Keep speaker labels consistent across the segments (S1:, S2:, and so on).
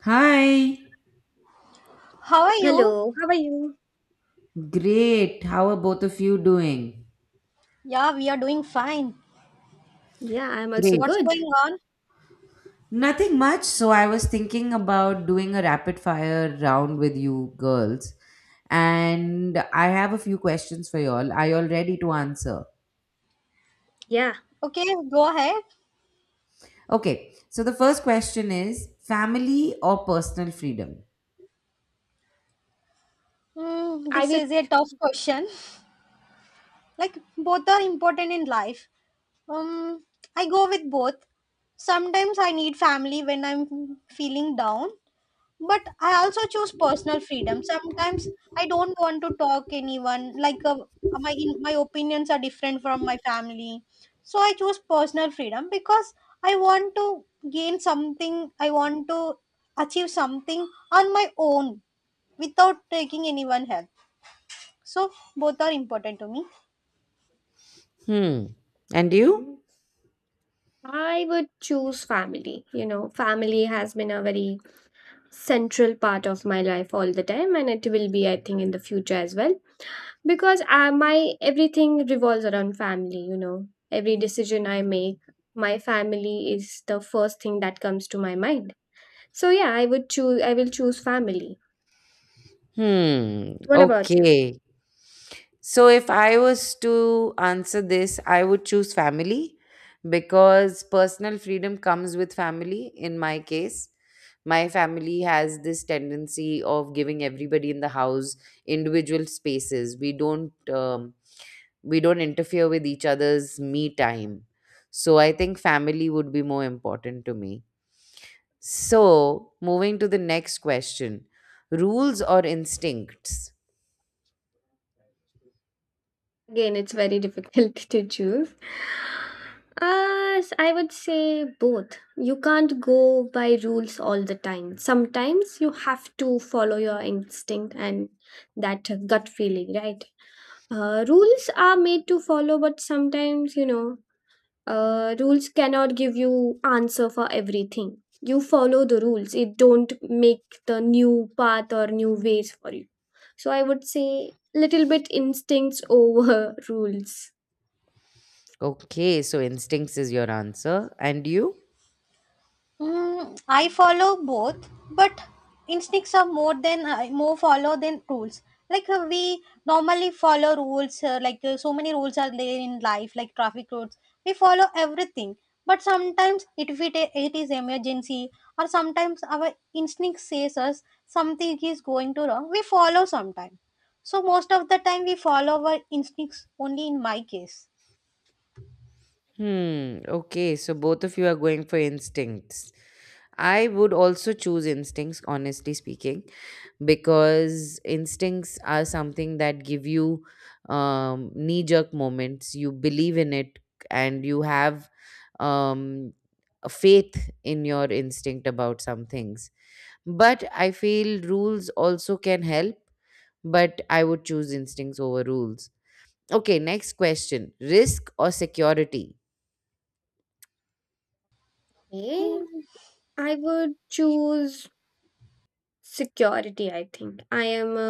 S1: Hi.
S2: How are you?
S3: Hello, how are you?
S1: Great. How are both of you doing?
S2: Yeah, we are doing fine.
S3: Yeah, I'm also
S2: What's
S1: Great.
S3: good.
S2: going on?
S1: Nothing much. So I was thinking about doing a rapid fire round with you girls. And I have a few questions for y'all. Are y'all ready to answer?
S3: Yeah,
S2: Okay, go ahead.
S1: Okay. So the first question is family or personal freedom?
S2: Mm,
S3: I
S2: this
S3: would
S2: is a tough question. Like, both are important in life. Um, I go with both. Sometimes I need family when I'm feeling down, but I also choose personal freedom sometimes I don't want to talk anyone like my my opinions are different from my family so I choose personal freedom because I want to gain something I want to achieve something on my own without taking anyone help so both are important to me.
S1: Hmm. And you?
S3: I would choose family. You know, family has been a very central part of my life all the time, and it will be, I think, in the future as well, because my everything revolves around family, you know. Every decision I make, my family is the first thing that comes to my mind. So yeah, I will choose family.
S1: Hmm.
S3: What about you?
S1: Okay. So, if I was to answer this, I would choose family because personal freedom comes with family. In my case, my family has this tendency of giving everybody in the house individual spaces. We don't interfere with each other's me time. So, I think family would be more important to me. So, moving to the next question, rules or instincts?
S3: Again, it's very difficult to choose. I would say both. You can't go by rules all the time. Sometimes you have to follow your instinct and that gut feeling, right? Rules are made to follow, but sometimes, you know, rules cannot give you answer for everything. You follow the rules, it don't make the new path or new ways for you. So I would say little bit instincts over rules.
S1: Okay, so instincts is your answer. And you?
S2: Mm, I follow both, but instincts are more than I more follow than rules. Like we normally follow rules, like so many rules are there in life, like traffic rules. We follow everything, but sometimes it, if it is emergency, or sometimes our instinct says us something is going to wrong. We follow sometimes. So most of the time we follow our instincts only in my case.
S1: Hmm, okay, so both of you are going for instincts. I would also choose instincts, honestly speaking, because instincts are something that give you knee jerk moments. You believe in it and you have um, a faith in your instinct about some things. But I feel rules also can help, but I would choose instincts over rules. Okay, next question. Risk or security?
S3: Okay, I would choose security. I think I am a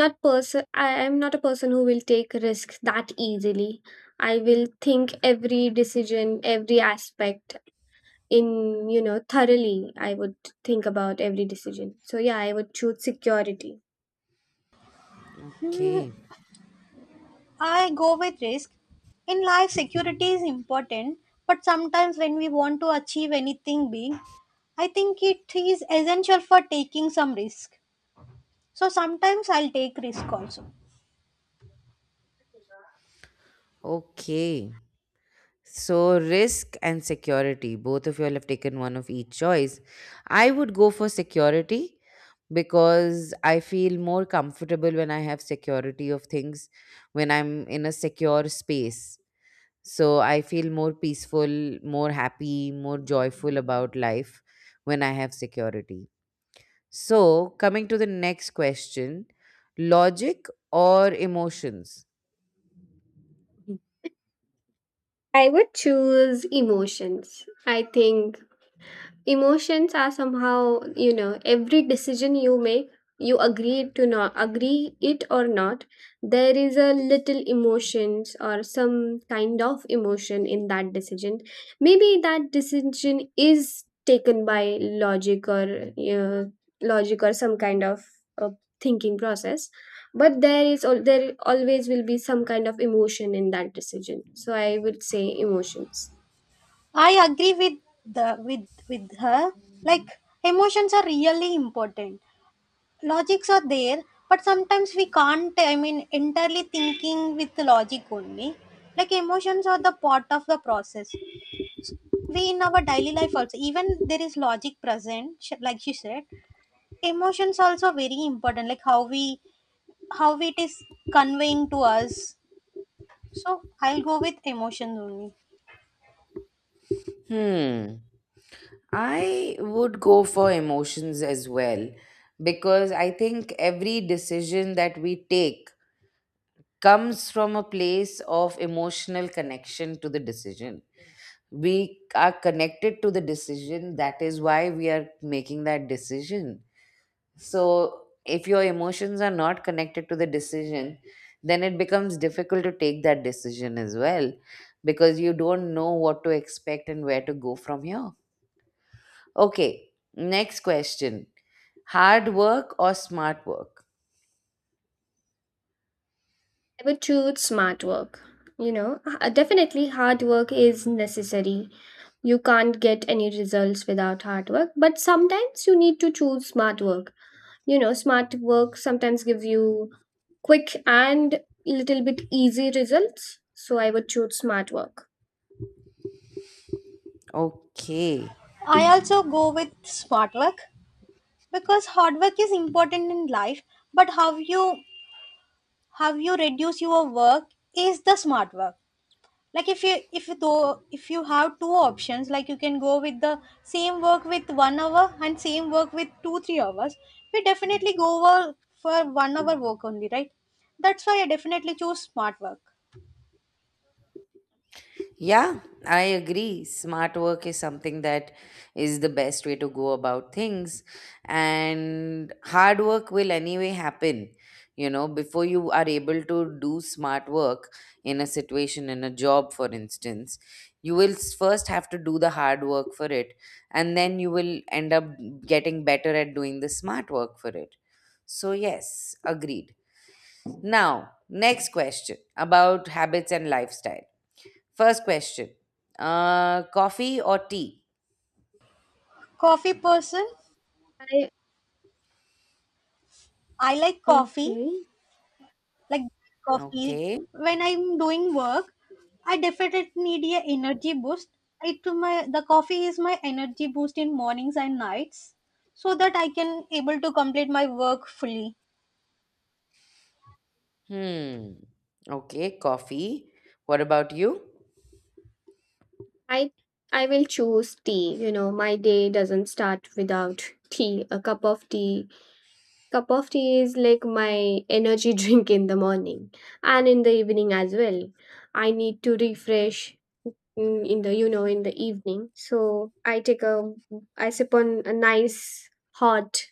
S3: not a person who will take risks that easily. I will think every decision, every aspect, in, you know, thoroughly. I would think about every decision. So yeah, I would choose security.
S1: Okay.
S2: I go with risk. In life, security is important, but sometimes when we want to achieve anything big, I think it is essential for taking some risk. So sometimes I'll take risk also.
S1: Okay. So, risk and security, both of you all have taken one of each choice. I would go for security because I feel more comfortable when I have security of things, when I'm in a secure space. So, I feel more peaceful, more happy, more joyful about life when I have security. So, coming to the next question, logic or emotions?
S3: I would choose emotions. I think emotions are somehow, you know, every decision you make, you agree to not agree it or not, there is a little emotions or some kind of emotion in that decision. Maybe that decision is taken by logic or logic or some kind of uh, thinking process, but there always will be some kind of emotion in that decision. So I would say emotions.
S2: I agree with the with her. Like emotions are really important. Logics are there, but sometimes we can't. I mean, entirely thinking with the logic only. Like emotions are the part of the process. We in our daily life also even there is logic present like she said emotions also very important like how we how it is conveying to us so I'll go with emotions only.
S1: Hmm, I would go for emotions as well because I think every decision that we take comes from a place of emotional connection to the decision. We are connected to the decision, that is why we are making that decision. So, if your emotions are not connected to the decision, then it becomes difficult to take that decision as well because you don't know what to expect and where to go from here. Okay, next question, hard work or smart work?
S3: I would choose smart work. You know, definitely hard work is necessary. You can't get any results without hard work, but sometimes you need to choose smart work. You know, smart work sometimes gives you quick and little bit easy results. So I would choose smart work.
S1: Okay.
S2: I also go with smart work because hard work is important in life but how you reduce your work is the smart work like if you though if you have two options like you can go with the same work with 1 hour and same work with 2 3 hours we definitely go over for 1 hour work only, right? That's why I definitely choose smart work.
S1: Yeah, I agree. Smart work is something that is the best way to go about things. And hard work will anyway happen. You know, before you are able to do smart work in a situation, in a job, for instance, first have to do the hard work for it. And then you will end up getting better at doing the smart work for it. So, yes, agreed. Now, next question about habits and lifestyle. First question. Coffee or tea?
S2: Coffee person.
S3: I
S2: I like coffee,
S3: Okay.
S2: like black coffee.
S1: Okay.
S2: When I'm doing work I definitely need a energy boost it to my the coffee is my energy boost in mornings and nights so that I can able to complete my work fully.
S1: Hmm. Okay, coffee. What about you?
S3: I I will choose tea. You know, my day doesn't start without tea. A cup of tea Cup of tea is like my energy drink in the morning and in the evening as well. I need to refresh, in the, you know, in the evening. So I sip on a nice hot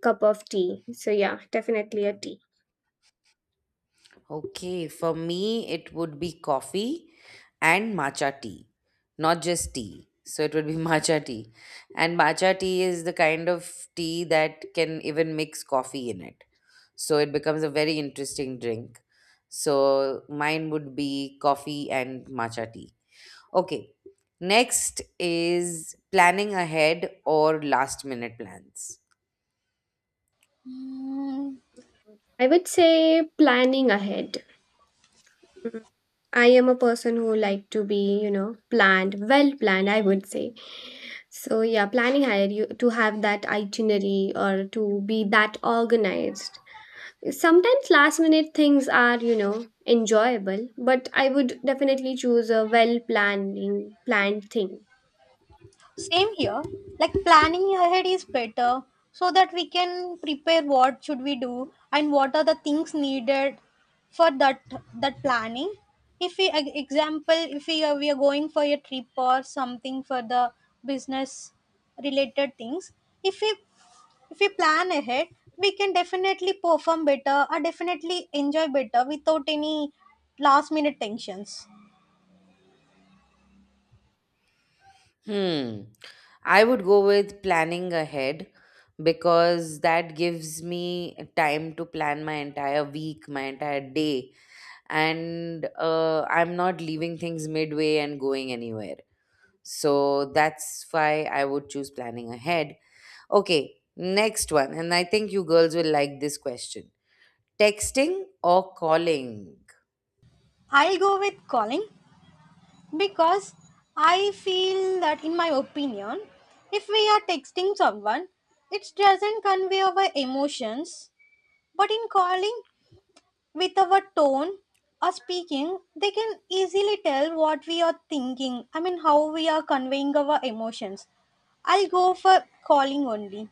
S3: cup of tea. So yeah, definitely a tea.
S1: Okay, for me, it would be coffee and matcha tea, not just tea. So it would be matcha tea. And matcha tea is the kind of tea that can even mix coffee in it. So it becomes a very interesting drink. So mine would be coffee and matcha tea. Okay. Next is planning ahead or last minute plans.
S2: Mm,
S3: I would say planning ahead. I am a person who like to be, you know, planned, well planned, I would say. So yeah, planning ahead, you to have that itinerary or to be that organized. Sometimes last minute things are, you know, enjoyable, but I would definitely choose a well planning planned thing.
S2: same here. Like planning ahead is better so that we can prepare what should we do and what are the things needed for that planning. If we example if we are, we are going for a trip or something for the business related things, if we if we plan ahead, we can definitely perform better or definitely enjoy better without any last minute tensions.
S1: Hmm. I would go with planning ahead because that gives me time to plan my entire week, my entire day, and I'm not leaving things midway and going anywhere. So that's why I would choose planning ahead. Okay, next one. And I think you girls will like this question, texting or calling?
S2: I'll go with calling. Because I feel that, in my opinion, if we are texting someone, it doesn't convey our emotions, but in calling with our tone or speaking, they can easily tell what we are thinking. I mean, how we are conveying our emotions. I'll go for calling only.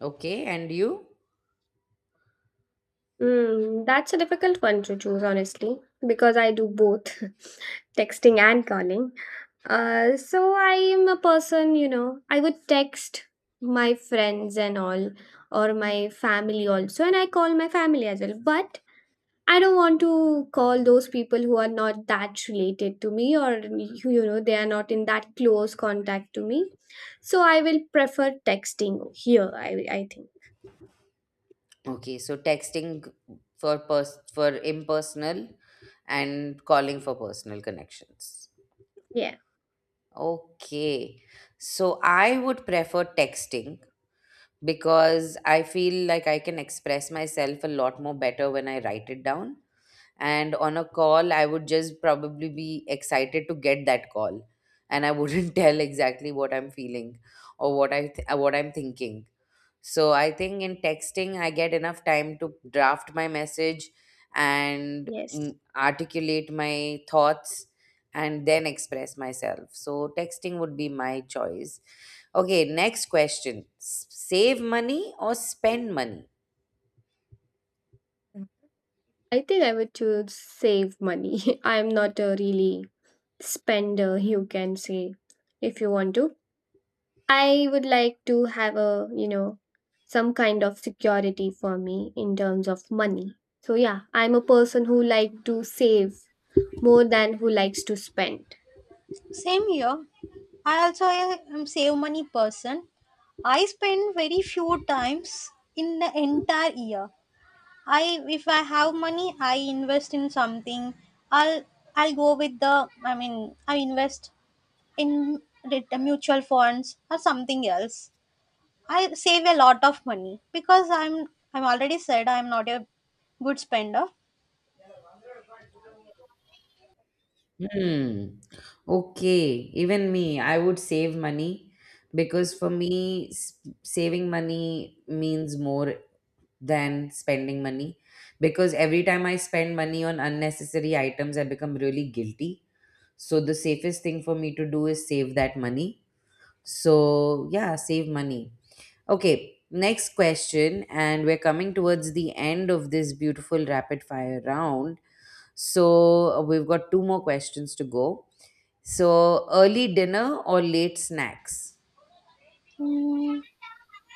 S1: Okay, and you?
S3: Mm, that's a difficult one to choose, honestly, because I do both texting and calling. So I am a person, you know, I would text my friends and all, or my family also, and I call my family as well. But I don't want to call those people who are not that related to me, or who, you know, they are not in that close contact to me. So I will prefer texting here. I think,
S1: Okay, so texting for for impersonal and calling for personal connections.
S3: yeah,
S1: Okay. So I would prefer texting because I feel like I can express myself a lot more better when I write it down. And on a call, I would just probably be excited to get that call and I wouldn't tell exactly what I'm feeling or what I'm thinking. So I think in texting, I get enough time to draft my message and
S3: yes.
S1: articulate my thoughts and then express myself. So texting would be my choice. Okay, next question. Save money or spend money?
S3: I think I would choose save money. I'm not a really spender, you can say, if you want to. I would like to have a, you know, some kind of security for me in terms of money. So yeah, I'm a person who like to save more than who likes to spend.
S2: Same here. I also am save money person. I spend very few times in the entire year. I if I have money, I invest in something. I'll I'll go with the I mean I invest in mutual funds or something else. I save a lot of money because I'm already said I'm not a good spender.
S1: Hmm. Okay, even me, I would save money because for me, saving money means more than spending money because every time I spend money on unnecessary items, I become really guilty. So the safest thing for me to do is save that money. So yeah, save money. Okay, next question, and we're coming towards the end of this beautiful rapid fire round. So we've got two more questions to go. So early dinner or late snacks?
S2: Hmm.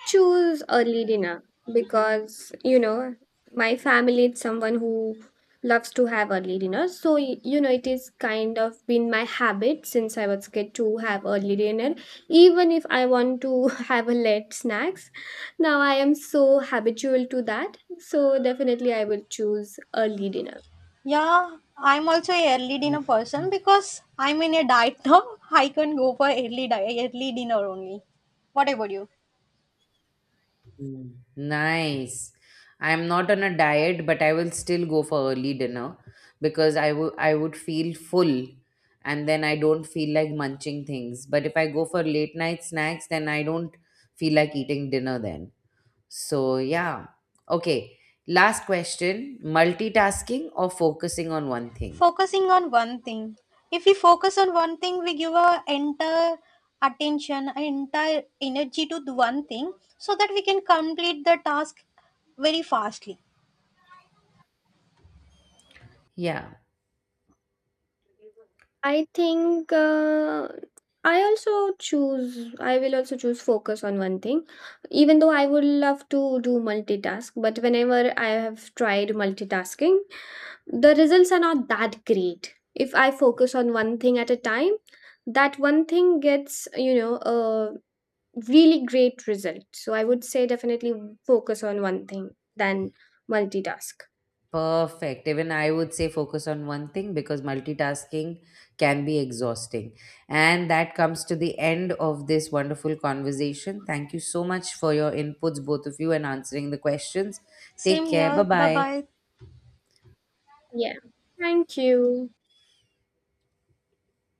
S3: Choose early dinner, because you know my family is someone who loves to have early dinner. So y- you know it is kind of been my habit since I was kid to have early dinner. Even if I want to have a late snacks, now I am so habitual to that. So definitely I will choose early dinner.
S2: Yeah, I'm also a early dinner
S1: Okay.
S2: person because I'm in a diet now. I can go for early early dinner only. What about you?
S1: Mm, nice. I'm not on a diet, but I will still go for early dinner because I would feel full and then I don't feel like munching things. But if I go for late night snacks, then I don't feel like eating dinner then. So yeah. Okay. Last question, multitasking or focusing on one thing?
S2: Focusing on one thing. If we focus on one thing we give our entire attention our entire energy to the one thing so that we can complete the task very fastly.
S1: Yeah.
S3: I think I will also choose focus on one thing, even though I would love to do multitask. But whenever I have tried multitasking, the results are not that great. If I focus on one thing at a time, that one thing gets, you know, a really great result. So I would say definitely focus on one thing than multitask.
S1: Perfect. Even I would say focus on one thing because multitasking can be exhausting. And that comes to the end of this wonderful conversation. Thank you so much for your inputs, both of you, and answering the questions.
S2: Same
S1: Take care. Bye
S2: here. Bye
S1: bye.
S2: bye.
S3: Yeah. Thank you.